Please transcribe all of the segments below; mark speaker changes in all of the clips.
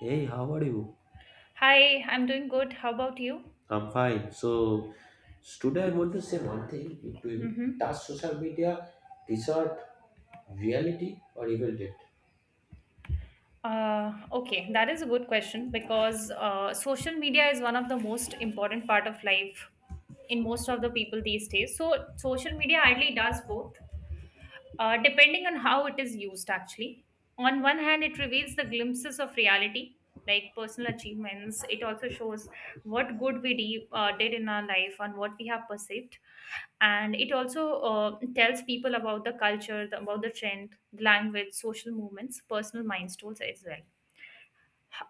Speaker 1: Hey, how are you?
Speaker 2: Hi, I'm doing good. How about you?
Speaker 1: I'm fine. So, today I want to say one thing to you.
Speaker 2: Mm-hmm.
Speaker 1: Does social media distort reality or evil it?
Speaker 2: Okay, that is a good question because social media is one of the most important part of life in most of the people these days. So social media ideally does both, depending on how it is used actually. On one hand, it reveals the glimpses of reality, like personal achievements. It also shows what good we did in our life and what we have perceived. And it also tells people about the culture, about the trend, language, social movements, personal milestones as well.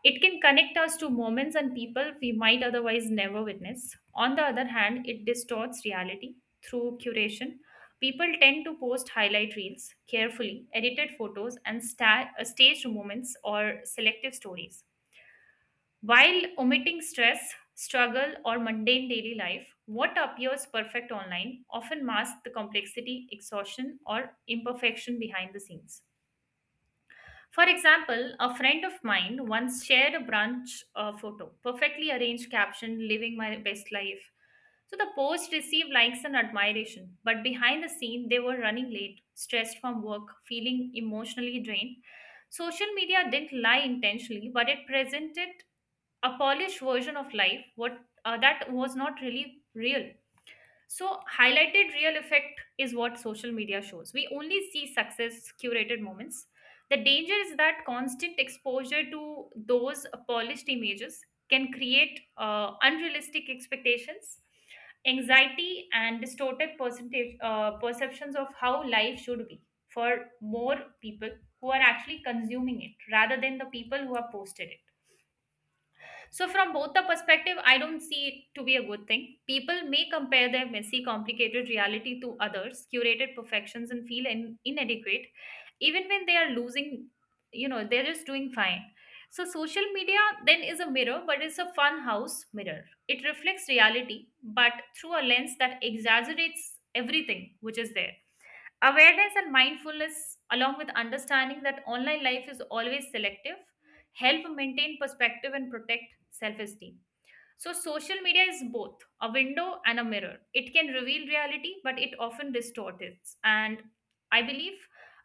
Speaker 2: It can connect us to moments and people we might otherwise never witness. On the other hand, it distorts reality through curation. People tend to post highlight reels, carefully edited photos, and staged moments or selective stories, while omitting stress, struggle, or mundane daily life. What appears perfect online often masks the complexity, exhaustion, or imperfection behind the scenes. For example, a friend of mine once shared a brunch photo, perfectly arranged caption, living my best life. So the post received likes and admiration, but behind the scene, they were running late, stressed from work, feeling emotionally drained. Social media didn't lie intentionally, but it presented a polished version of life what that was not really real. So highlighted real effect is what social media shows. We only see success, curated moments. The danger is that constant exposure to those polished images can create unrealistic expectations, anxiety, and distorted percentage perceptions of how life should be for more people who are actually consuming it rather than the people who have posted it. So, from both the perspective, I don't see it to be a good thing. People may compare their messy, complicated reality to others, curated perfections, and feel inadequate, even when they are losing, they're just doing fine. So, social media then is a mirror, but it's a fun house mirror. It reflects reality, but through a lens that exaggerates everything which is there. Awareness and mindfulness, along with understanding that online life is always selective, help maintain perspective and protect self esteem. So, social media is both a window and a mirror. It can reveal reality, but it often distorts it. And I believe,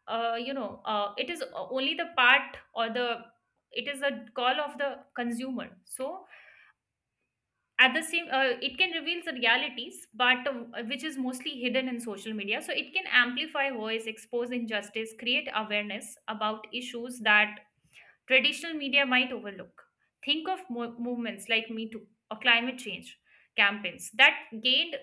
Speaker 2: it is only the part or the it is a call of the consumer. So, at the same it can reveal the realities but which is mostly hidden in social media. So it can amplify voice, expose injustice, create awareness about issues that traditional media might overlook. Think of movements like Me Too or climate change campaigns that gained,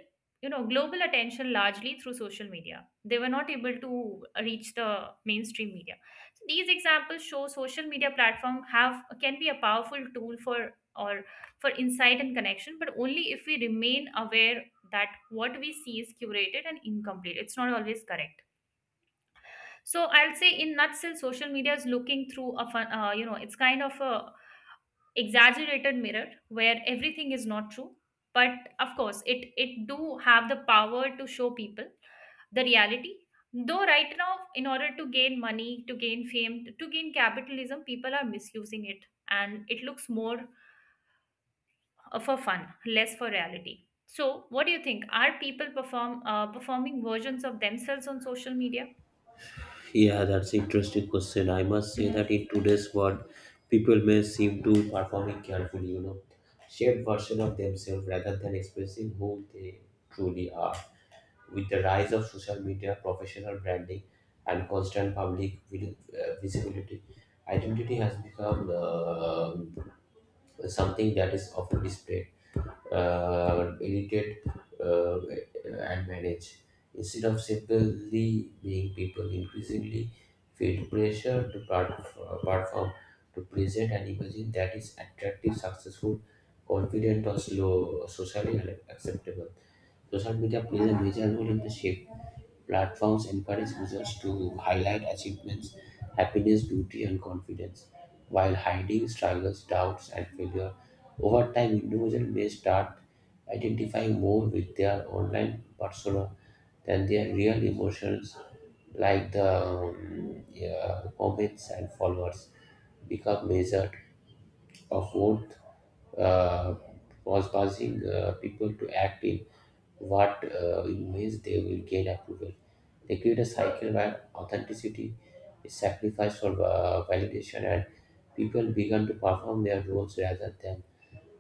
Speaker 2: global attention largely through social media. They were not able to reach the mainstream media. So these examples show social media platform have can be a powerful tool for or for insight and connection, but only if we remain aware that what we see is curated and incomplete. It's not always correct. So I'll say in nutshell, social media is looking through a fun, it's kind of a, exaggerated mirror where everything is not true, but of course it do have the power to show people the reality. Though right now, in order to gain money, to gain fame, to gain capitalism, people are misusing it, and it looks more for fun, less for reality. So what do you think, are people performing versions of themselves on social media?
Speaker 1: Yeah, that's interesting question. I must say
Speaker 2: Mhm.
Speaker 1: that in today's world, people may seem to performing carefully, shared version of themselves rather than expressing who they truly are. With the rise of social media, professional branding, and constant public visibility, identity has become something that is often displayed irritate uh, and manage. Instead of simply being people, increasingly feel pressure to perform, to present an image that is attractive, successful, confident, or slow, socially acceptable. Social media plays a major role in the shape. Platforms encourage users to highlight achievements, happiness, beauty, and confidence, while hiding struggles, doubts, and failure over time, individuals may start identifying more with their online persona than their real emotions, like the yeah, comments and followers become measured of what uh, was causing people to act in what in ways they will gain approval. They create a cycle where authenticity is sacrificed for validation and people begin to perform their roles rather than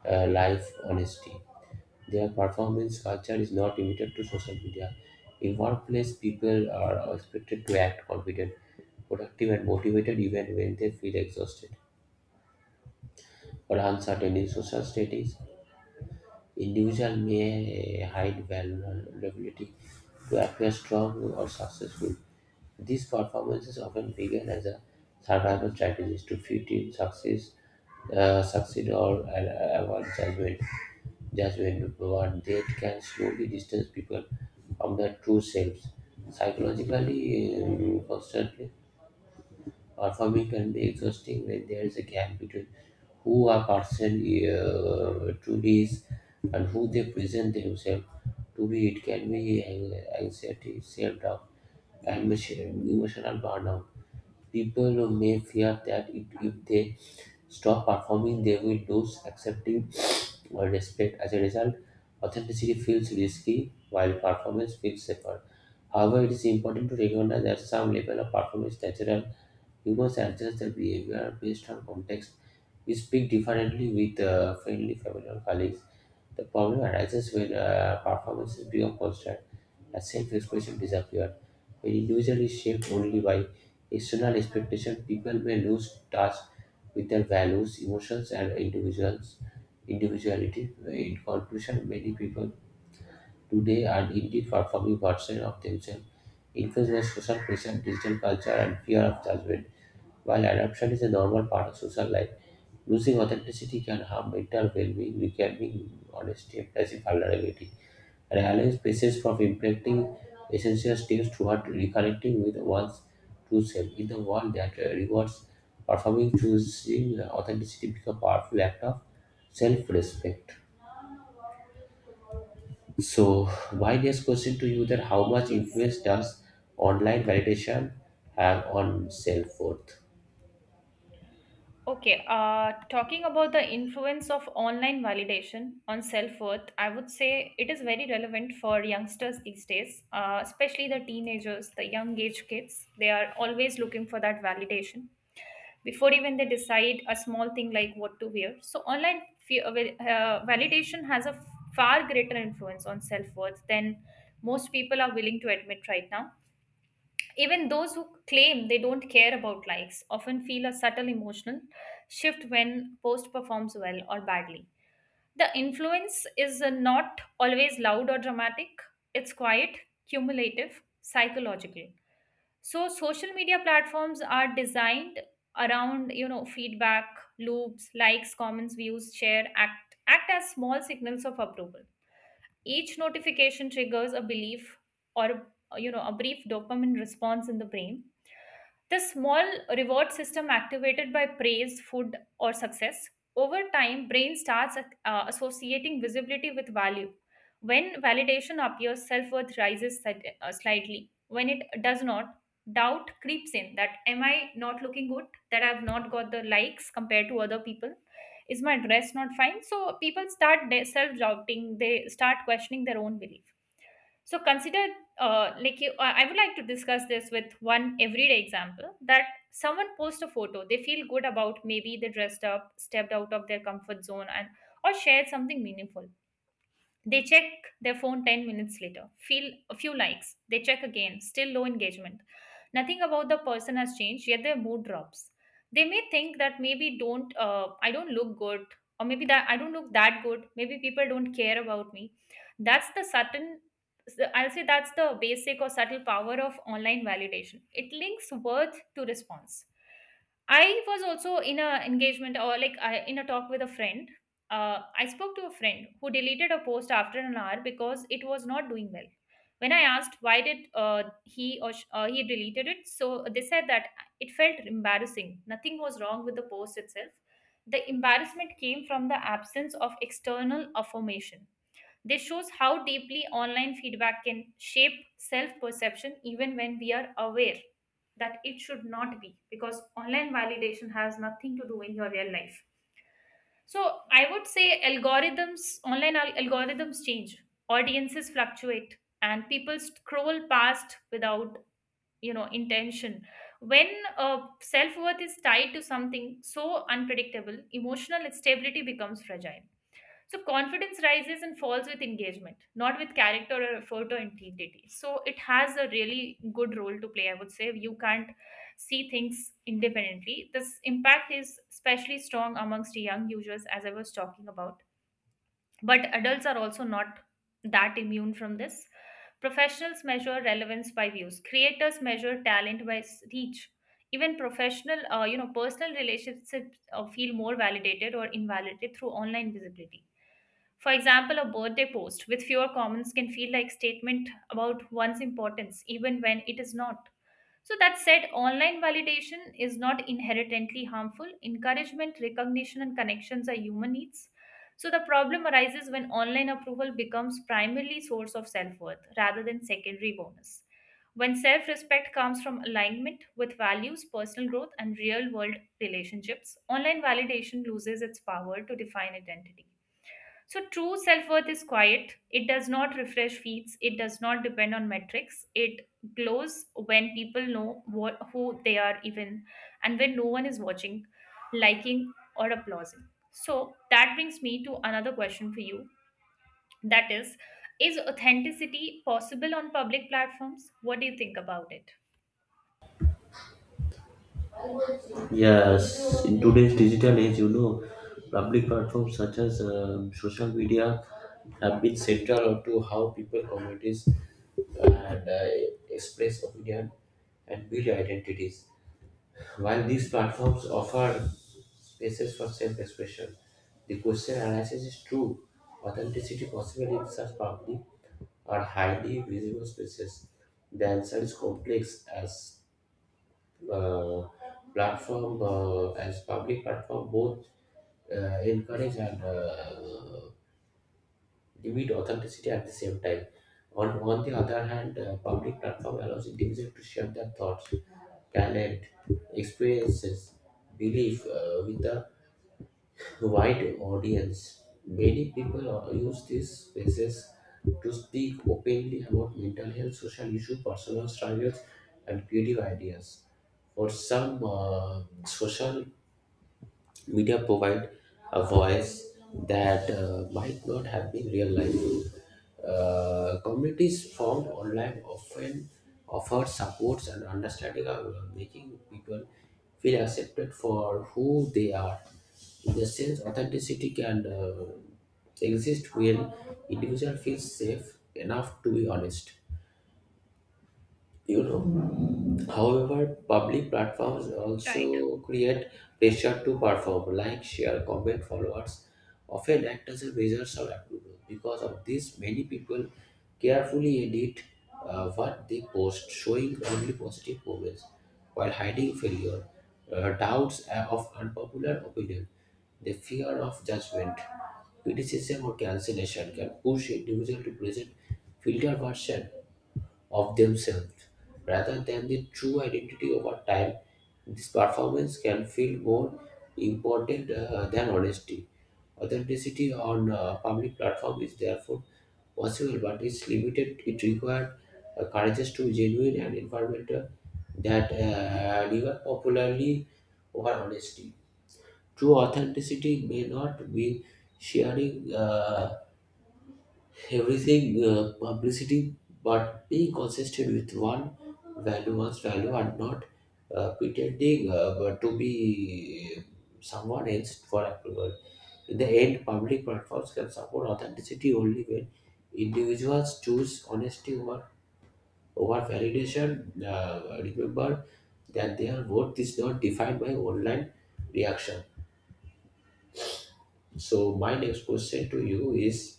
Speaker 1: life honesty. Their performance culture is not limited to social media. In workplace, people are expected to act confident, productive, and motivated even when they feel exhausted or uncertain in social settings. Individual may hide vulnerability to appear strong or successful. These performances often began as a survival strategies to fit in, succeed or avoid judgment. Judgment, but they can slowly distance people from their true selves. Psychologically, constantly or Farming can be exhausting when there is a gap between who a person truly is and who they present themselves to be. It can be anxiety, self doubt, and emotional burnout. People who may fear that it, if they stop performing, they will lose accepting or respect. As a result, authenticity feels risky while performance feels safer. However, it is important to recognize that some level of performance is natural. Humans adjust their behavior based on context. We speak differently with friendly family or colleagues. The problem arises when performances become constant and self-expression disappears. When individual is shaped only by external expectation, people may lose touch with their values, emotions, and individuals individuality. In conclusion, many people today are indeed performing versions of themselves, influenced by social pressure, digital culture, and fear of judgment. While adoption is a normal part of social life, losing authenticity can harm mental well-being, weakening honesty, emphasizing vulnerability, and allowing spaces for implementing essential steps toward reconnecting with one's true self. In the world that rewards performing, choosing authenticity becomes a powerful act of self-respect. So, my next question to you: that how much
Speaker 2: Yes.
Speaker 1: influence does online validation have on self-worth?
Speaker 2: Okay, talking about the influence of online validation on self worth, I would say it is very relevant for youngsters these days, especially the teenagers, the young age kids. They are always looking for that validation before even they decide a small thing like what to wear. So, online validation has a far greater influence on self worth than most people are willing to admit right now. Even those who claim they don't care about likes often feel a subtle emotional shift when post performs well or badly. The influence is not always loud or dramatic, it's quiet, cumulative, psychological. So social media platforms are designed around, feedback loops, likes, comments, views, share, act as small signals of approval. Each notification triggers a belief or a brief dopamine response in the brain, the small reward system activated by praise, food, or success. Over time, brain starts associating visibility with value. When validation appears, self worth rises slightly. When it does not, doubt creeps in that am I not looking good? That I've not got the likes compared to other people? Is my dress not fine? So people start self doubting, they start questioning their own belief. So consider, like you, I would like to discuss this with one everyday example that someone posts a photo they feel good about. Maybe they dressed up, stepped out of their comfort zone, and or shared something meaningful. They check their phone 10 minutes later, feel a few likes. They check again, still low engagement. Nothing about the person has changed, yet their mood drops. They may think that maybe don't I don't look good, or maybe that I don't look that good. Maybe people don't care about me. That's the certain, I'll say that's the basic or subtle power of online validation. It links worth to response. I was also in a engagement or like in a talk with a friend. I spoke to a friend who deleted a post after an hour because it was not doing well. When I asked why did he deleted it, so they said that it felt embarrassing. Nothing was wrong with the post itself. The embarrassment came from the absence of external affirmation. This shows how deeply online feedback can shape self perception, even when we are aware that it should not be, because online validation has nothing to do in your real life. So I would say algorithms, online algorithms change, audiences fluctuate, and people scroll past without, intention. When self-worth is tied to something so unpredictable, emotional stability becomes fragile. So confidence rises and falls with engagement, not with character or effort or integrity. So it has a really good role to play. I would say you can't see things independently. This impact is especially strong amongst young users, as I was talking about, but adults are also not that immune from this. Professionals measure relevance by views. Creators measure talent by reach. Even professional, personal relationships feel more validated or invalidated through online visibility. For example, a birthday post with fewer comments can feel like statement about one's importance, even when it is not. So, that said, online validation is not inherently harmful. Encouragement, recognition, and connections are human needs. So, the problem arises when online approval becomes primarily source of self worth rather than secondary bonus. When self respect comes from alignment with values, personal growth, and real world relationships, online validation loses its power to define identity. So, true self worth is quiet. It does not refresh feeds. It does not depend on metrics. It glows when people know what, who they are, even and when no one is watching, liking, or applauding. So, that brings me to another question for you, that is authenticity possible on public platforms? What do you think about it?
Speaker 1: Yes, in today's digital age, public platforms such as social media have been central to how people communities and express opinion and build identities. While these platforms offer spaces for self-expression, the question arises is true authenticity possible in such public or highly visible spaces. The answer is complex as uh, platform as public platform both encourage and limit authenticity at the same time. On the other hand, public platform allows individuals to share their thoughts, talent, experiences, belief with the wide audience. Many people use these spaces to speak openly about mental health, social issues, personal struggles, and creative ideas. For some, social Media provide a voice that might not have been real life. Communities formed online often offer supports and understanding, making people feel accepted for who they are. In the sense, authenticity can exist when individual feels safe enough to be honest, you know. However, public platforms
Speaker 2: Right.
Speaker 1: also create pressure to perform like share comment followers often act as a measure of approval. Because of this many people carefully edit what they post showing only positive moments while hiding failure doubts of unpopular opinion. The fear of judgment, criticism or cancellation can push individuals to present filtered version of themselves rather than the true identity. Over time this performance can feel more important than honesty. Authenticity on a public platform is therefore possible but it's limited. It requires courage to be genuine and environmental that deliver popularly over honesty. True authenticity may not be sharing everything publicity but being consistent with one value one's value and not pretending but to be someone else for approval. In the end public platforms can support authenticity only when individuals choose honesty over over validation. Remember that their worth is not defined by online reaction. So my next question to you is: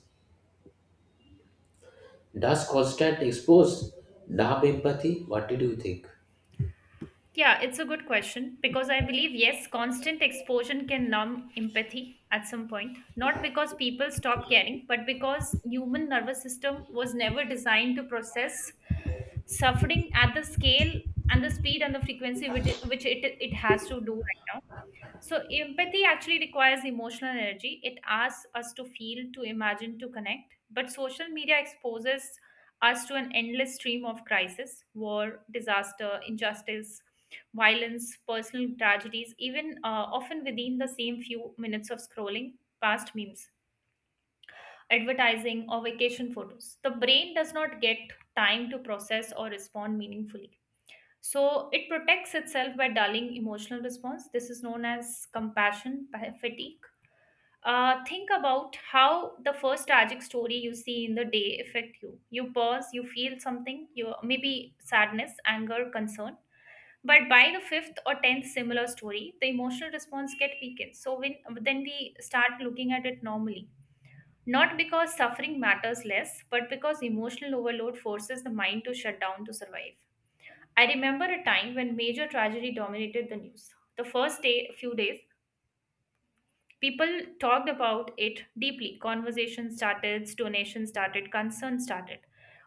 Speaker 1: does constant expose numb empathy? What did you think?
Speaker 2: Yeah, it's a good question because I believe, yes, constant exposure can numb empathy at some point. Not because people stop caring, but because human nervous system was never designed to process suffering at the scale and the speed and the frequency which it has to do right now. So, empathy actually requires emotional energy. It asks us to feel, to imagine, to connect. But social media exposes us to an endless stream of crisis, war, disaster, injustice, violence, personal tragedies, even often within the same few minutes of scrolling past memes, advertising, or vacation photos. The brain does not get time to process or respond meaningfully. So it protects itself by dulling emotional response. This is known as compassion fatigue. Think about how the first tragic story you see in the day affect you. You pause, you feel something, you maybe sadness, anger, concern. But by the fifth or tenth similar story, the emotional response get weakened. So when then we start looking at it normally, not because suffering matters less, but because emotional overload forces the mind to shut down to survive. I remember a time when major tragedy dominated the news. The first day, few days, people talked about it deeply. Conversation started, donation started, concern started.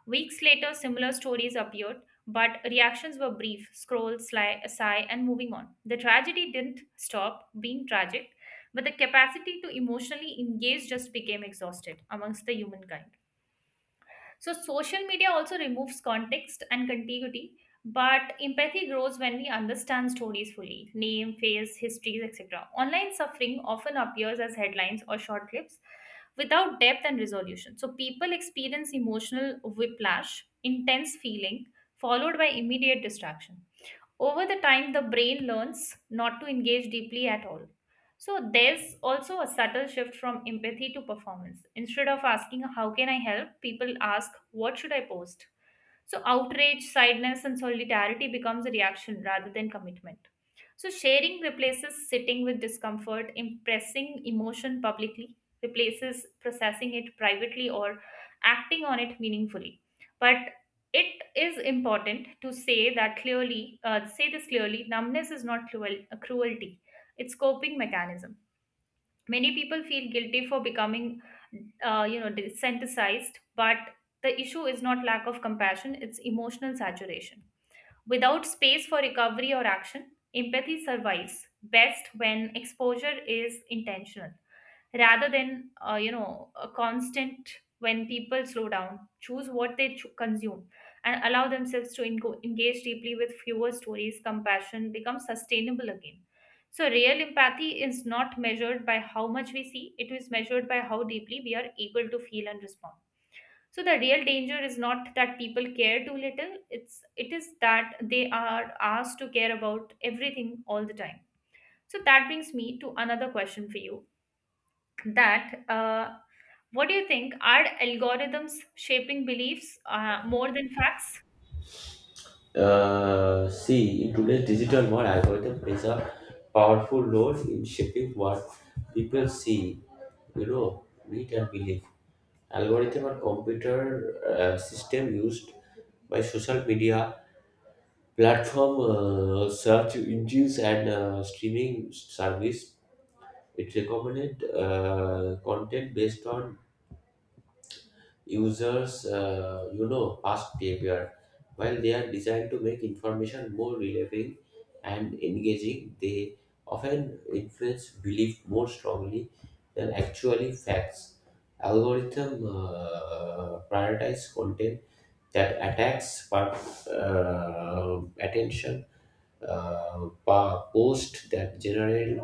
Speaker 2: Weeks later, similar stories appeared, but reactions were brief scroll, sigh, and moving on. The tragedy didn't stop being tragic, but the capacity to emotionally engage just became exhausted amongst the humankind. So, social media also removes context and contiguity, but empathy grows when we understand stories fully name, face, histories, etc. Online suffering often appears as headlines or short clips without depth and resolution. So, people experience emotional whiplash, intense feeling, followed by immediate distraction over the time. The brain learns not to engage deeply at all, so there's also a subtle shift from empathy to performance. Instead of asking how can I help, people ask what should I post. So outrage, silence, and solidarity becomes a reaction rather than commitment. So sharing replaces sitting with discomfort, impressing emotion publicly replaces processing it privately or acting on it meaningfully. But it is important to say that clearly, say this clearly. Numbness is not cruelty, it's coping mechanism. Many people feel guilty for becoming desensitized, but the issue is not lack of compassion, it's emotional saturation without space for recovery or action. Empathy survives best when exposure is intentional rather than a constant. When people slow down, choose what they consume, and allow themselves to engo engage deeply with fewer stories, compassion becomes sustainable again. So real empathy is not measured by how much we see, it is measured by how deeply we are able to feel and respond. So the real danger is not that people care too little, it is that they are asked to care about everything all the time. So that brings me to another question for you, that what do you think, are algorithms shaping beliefs more than facts?
Speaker 1: See, in today's digital world, algorithm plays a powerful role in shaping what people see, you know, read and believe. Algorithm are computer system used by social media platform, search engines, and streaming service. It recommended content based on users, you know, past behavior. While they are designed to make information more relevant and engaging, they often influence belief more strongly than actually facts. Algorithm prioritize content that attacks part, attention post that generate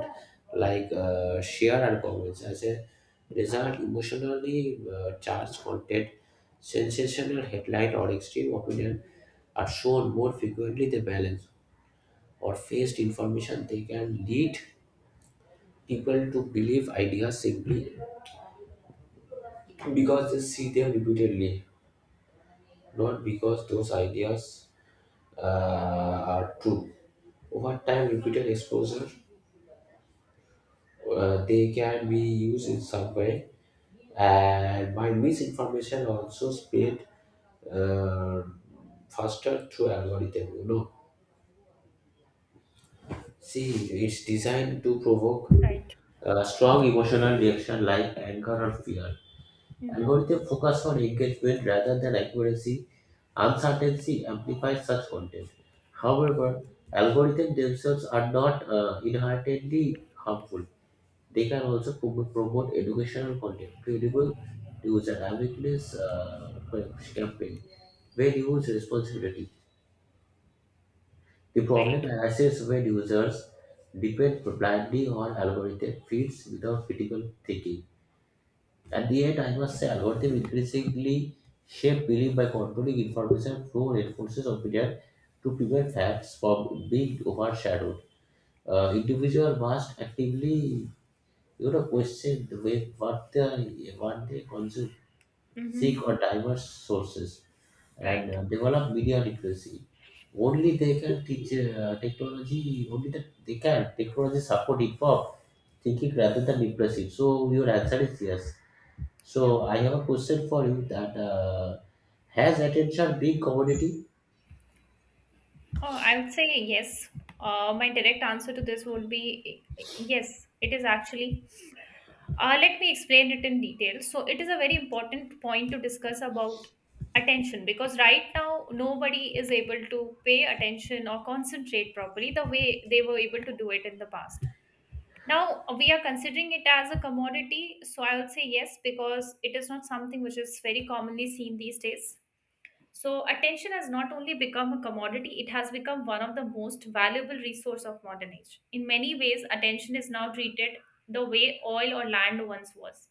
Speaker 1: like share and comments. As a result emotionally charged content, sensational headline, or extreme opinion are shown more frequently than balanced or faced information. They can lead people to believe ideas simply because they see them repeatedly, not because those ideas uh, are true. Over time, repeated exposure, they can be used in some way, and by misinformation also spread uh, faster through algorithm, you know. See it's designed to provoke
Speaker 2: Right.
Speaker 1: a strong emotional reaction like anger or fear.
Speaker 2: Mm-hmm.
Speaker 1: Algorithm focus on engagement rather than accuracy. Uncertainty amplifies such content. However, algorithms themselves are not inherently harmful. They can also promote educational content, credible user awareness campaign where used responsibility. The
Speaker 2: Right.
Speaker 1: problem arises when users depend blindly on algorithmic feeds without critical thinking. At the end, I must say, algorithms increasingly shape belief by controlling information flow, reinforces opinion to prevent facts from being overshadowed. Individual must actively, you know, question the way what they consume, seek
Speaker 2: Mm-hmm.
Speaker 1: or diverse sources and
Speaker 2: Right.
Speaker 1: develop media literacy. Only they can teach technology, only that they can. Technology support informed thinking rather than impressive. So your answer is yes.
Speaker 2: Yeah.
Speaker 1: So I have a question for you that has attention been commodity?
Speaker 2: Oh, I would say yes. My direct answer to this would be, yes, it is actually. Let me explain it in detail. So it is a very important point to discuss about attention, because right now nobody is able to pay attention or concentrate properly the way they were able to do it in the past. Now, we are considering it as a commodity, so I would say yes, because it is not something which is very commonly seen these days. So attention has not only become a commodity, it has become one of the most valuable resource of modern age. In many ways, attention is now treated the way oil or land once was.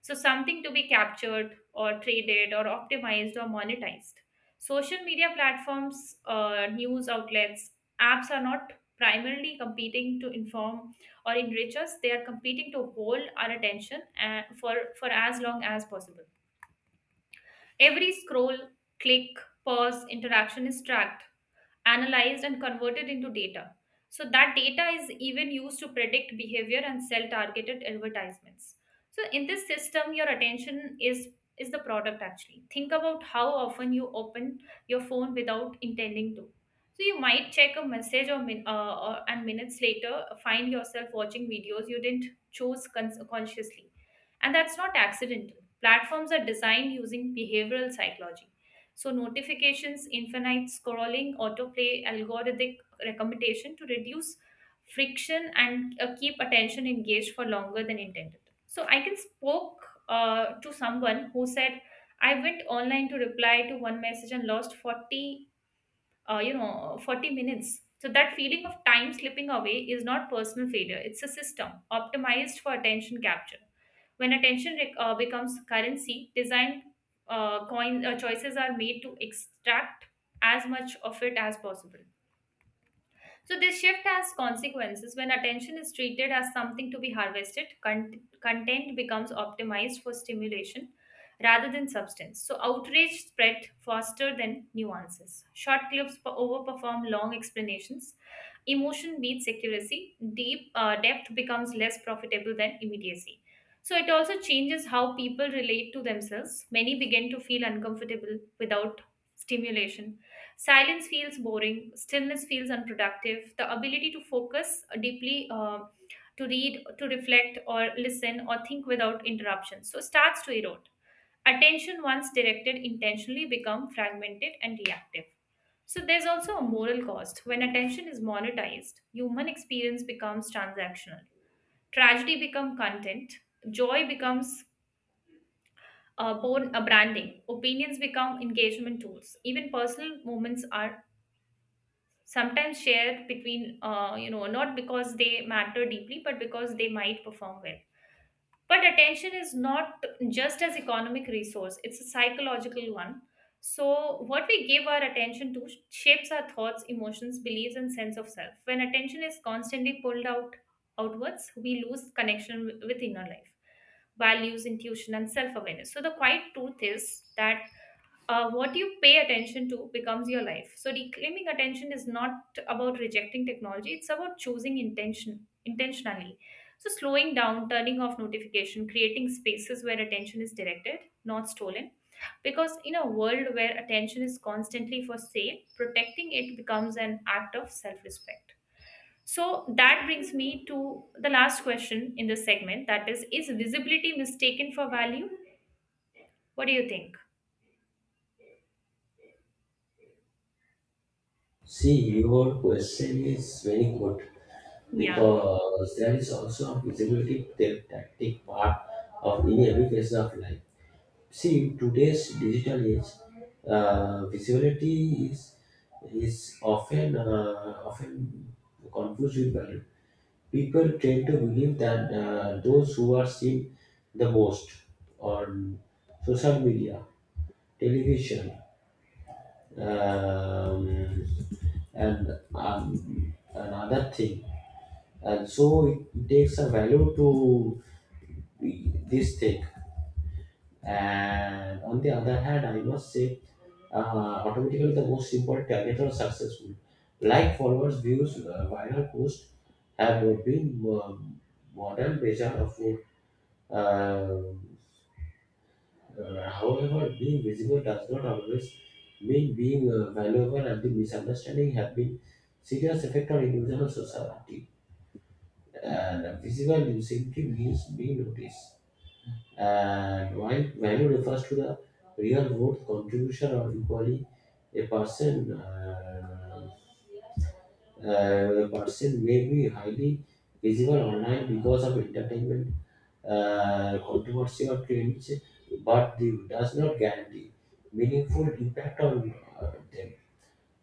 Speaker 2: So something to be captured or traded or optimized or monetized. Social media platforms, news outlets, apps are not primarily competing to inform or enrich us. They are competing to hold our attention for as long as possible. Every scroll, click, pause, interaction is tracked, analyzed and converted into data. So that data is even used to predict behavior and sell targeted advertisements. So in this system, your attention is the product, actually. Think about how often you open your phone without intending to. So you might check a message or, min, or and minutes later find yourself watching videos you didn't choose consciously, and that's not accidental. Platforms are designed using behavioral psychology, so notifications, infinite scrolling, autoplay, algorithmic recommendation to reduce friction and keep attention engaged for longer than intended. So I can spoke to someone who said, I went online to reply to one message and lost 40 40 minutes. So that feeling of time slipping away is not personal failure, it's a system optimized for attention capture. When attention becomes currency, design coin choices are made to extract as much of it as possible. So, this shift has consequences. When attention is treated as something to be harvested, content becomes optimized for stimulation rather than substance. So, outrage spread faster than nuances. Short clips overperform long explanations. Emotion beats accuracy. Deep depth becomes less profitable than immediacy. So, it also changes how people relate to themselves. Many begin to feel uncomfortable without stimulation. Silence feels boring, stillness feels unproductive. The ability to focus deeply, to read, to reflect, or listen, or think without interruption, so starts to erode. Attention, once directed intentionally, become fragmented and reactive. So there's also a moral cost. When attention is monetized, human experience becomes transactional. Tragedy becomes content. Joy becomes born a branding. Opinions become engagement tools. Even personal moments are sometimes shared between not because they matter deeply, but because they might perform well. But attention is not just as economic resource, it's a psychological one. So what we give our attention to shapes our thoughts, emotions, beliefs and sense of self. When attention is constantly pulled outwards, we lose connection with inner life, values, intuition and self awareness. So the quiet truth is that what you pay attention to becomes your life. So reclaiming attention is not about rejecting technology; it's about choosing intentionally. So slowing down, turning off notification, creating spaces where attention is directed, not stolen. Because in a world where attention is constantly for sale, protecting it becomes an act of self-respect. So that brings me to the last question in this segment. That is visibility mistaken for value? What do you think?
Speaker 1: See, your question is very good
Speaker 2: Yeah.
Speaker 1: because there is also a visibility tactic part of any education of life. See, in today's digital age, visibility is often confused with value. People tend to believe that those who are seen the most on social media, television, um, and another thing, and so it takes a value to this thing. And on the other hand, I must say, uh, automatically the most simple target are successful. Like followers, views, viral posts have been modern measure of it. Um, However, being visible does not always mean being valuable, and the misunderstanding have been serious effect on individual society. And visible simply means being noticed. And while value refers to the real worth, contribution, or equally, a person uh, a person may be highly visible online because of entertainment, controversy, or trends, but the, does not guarantee meaningful impact on them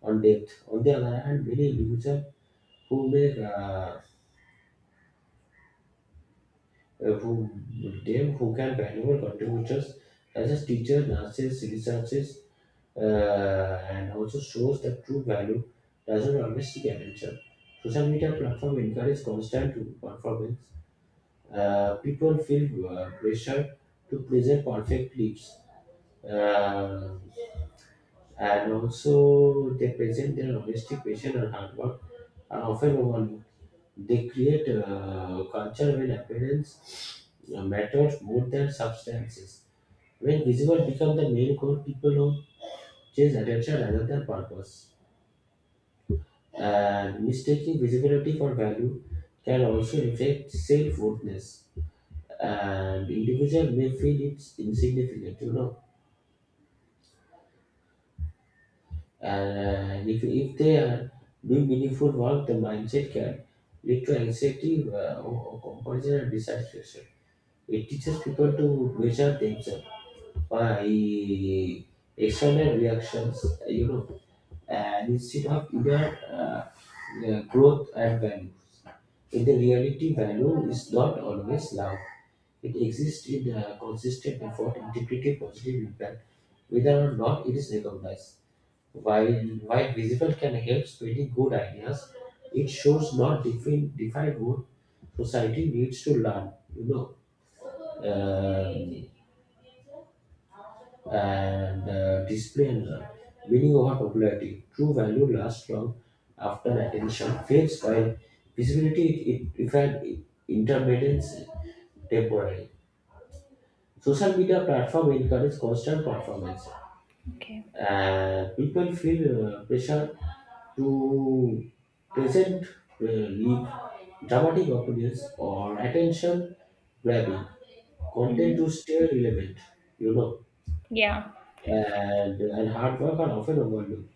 Speaker 1: on depth. On the other hand, many users who make who them who can valuable contributors such as teachers, nurses, researchers and also shows that true value doesn't always seek attention. Social media platform encourage constant performance. People feel pressure to present perfect lives, uh, and also they present their honesty, passion, and hard work are often overlooked. They create a culture when appearance matters more than substances. When visible become the main goal, people who chase attention rather than purpose. And mistaking visibility for value can also affect self-worthness and individual may feel it's insignificant, you know, and if they are doing meaningful work, the mindset can lead to anxiety or comparison and dissatisfaction. It teaches people to measure themselves by external reactions, you know, and instead of inner growth and value. In the reality, value is not always loud. It exists in consistent effort and typically positive impact, whether or not it is recognized. While, while visible can help spreading good ideas, it shows not define, define what society needs to learn, you know, um, and display and learn. Meaning over popularity. True value lasts long after attention fades, while visibility it defined intermittence temporary. Social media platform encourage constant performance.
Speaker 2: Okay.
Speaker 1: People feel pressure to present leave dramatic opinions or attention grabbing content
Speaker 2: Mhm.
Speaker 1: to stay relevant, you know,
Speaker 2: Yeah,
Speaker 1: and hard work are often overlooked.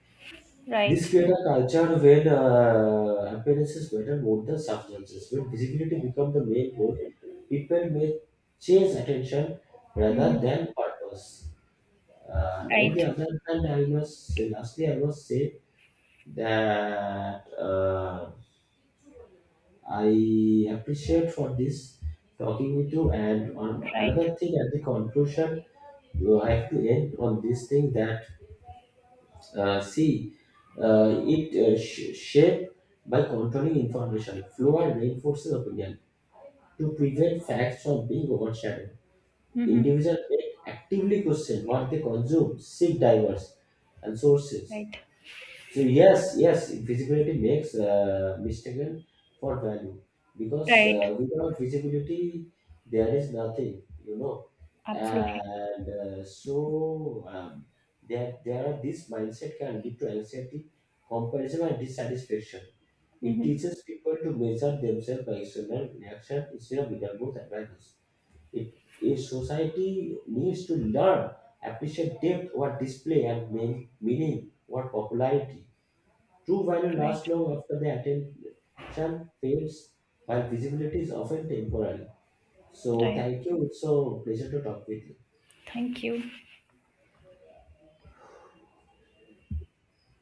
Speaker 1: This
Speaker 2: right.
Speaker 1: creates a culture where appearances matter more than substances. When visibility becomes the main goal, people may chase attention rather
Speaker 2: Hmm.
Speaker 1: than purpose. And on
Speaker 2: Right,
Speaker 1: the other hand, I must say, lastly, I must say that I appreciate for this talking with you. And on
Speaker 2: right.
Speaker 1: another thing, at the conclusion, I have to end on this thing that see, it shape by controlling information flow and reinforces opinion to prevent facts from being overshadowed.
Speaker 2: Hmm.
Speaker 1: Individuals may actively question what they consume, seek diverse and sources.
Speaker 2: Right,
Speaker 1: So yes, yes, visibility makes mistaken for value because
Speaker 2: right.
Speaker 1: without visibility there is nothing, you know,
Speaker 2: Absolutely.
Speaker 1: and so there are this mindset can lead to anxiety, comparison, and dissatisfaction. It
Speaker 2: Hmm.
Speaker 1: teaches people to measure themselves by external reaction instead of internal growth and values. It, a society needs to learn, appreciate depth, what display and mean, meaning, what popularity. True value
Speaker 2: Right,
Speaker 1: lasts long after the attention fades, while visibility is often temporary. So,
Speaker 2: right.
Speaker 1: thank you. It's a pleasure to talk with you.
Speaker 2: You.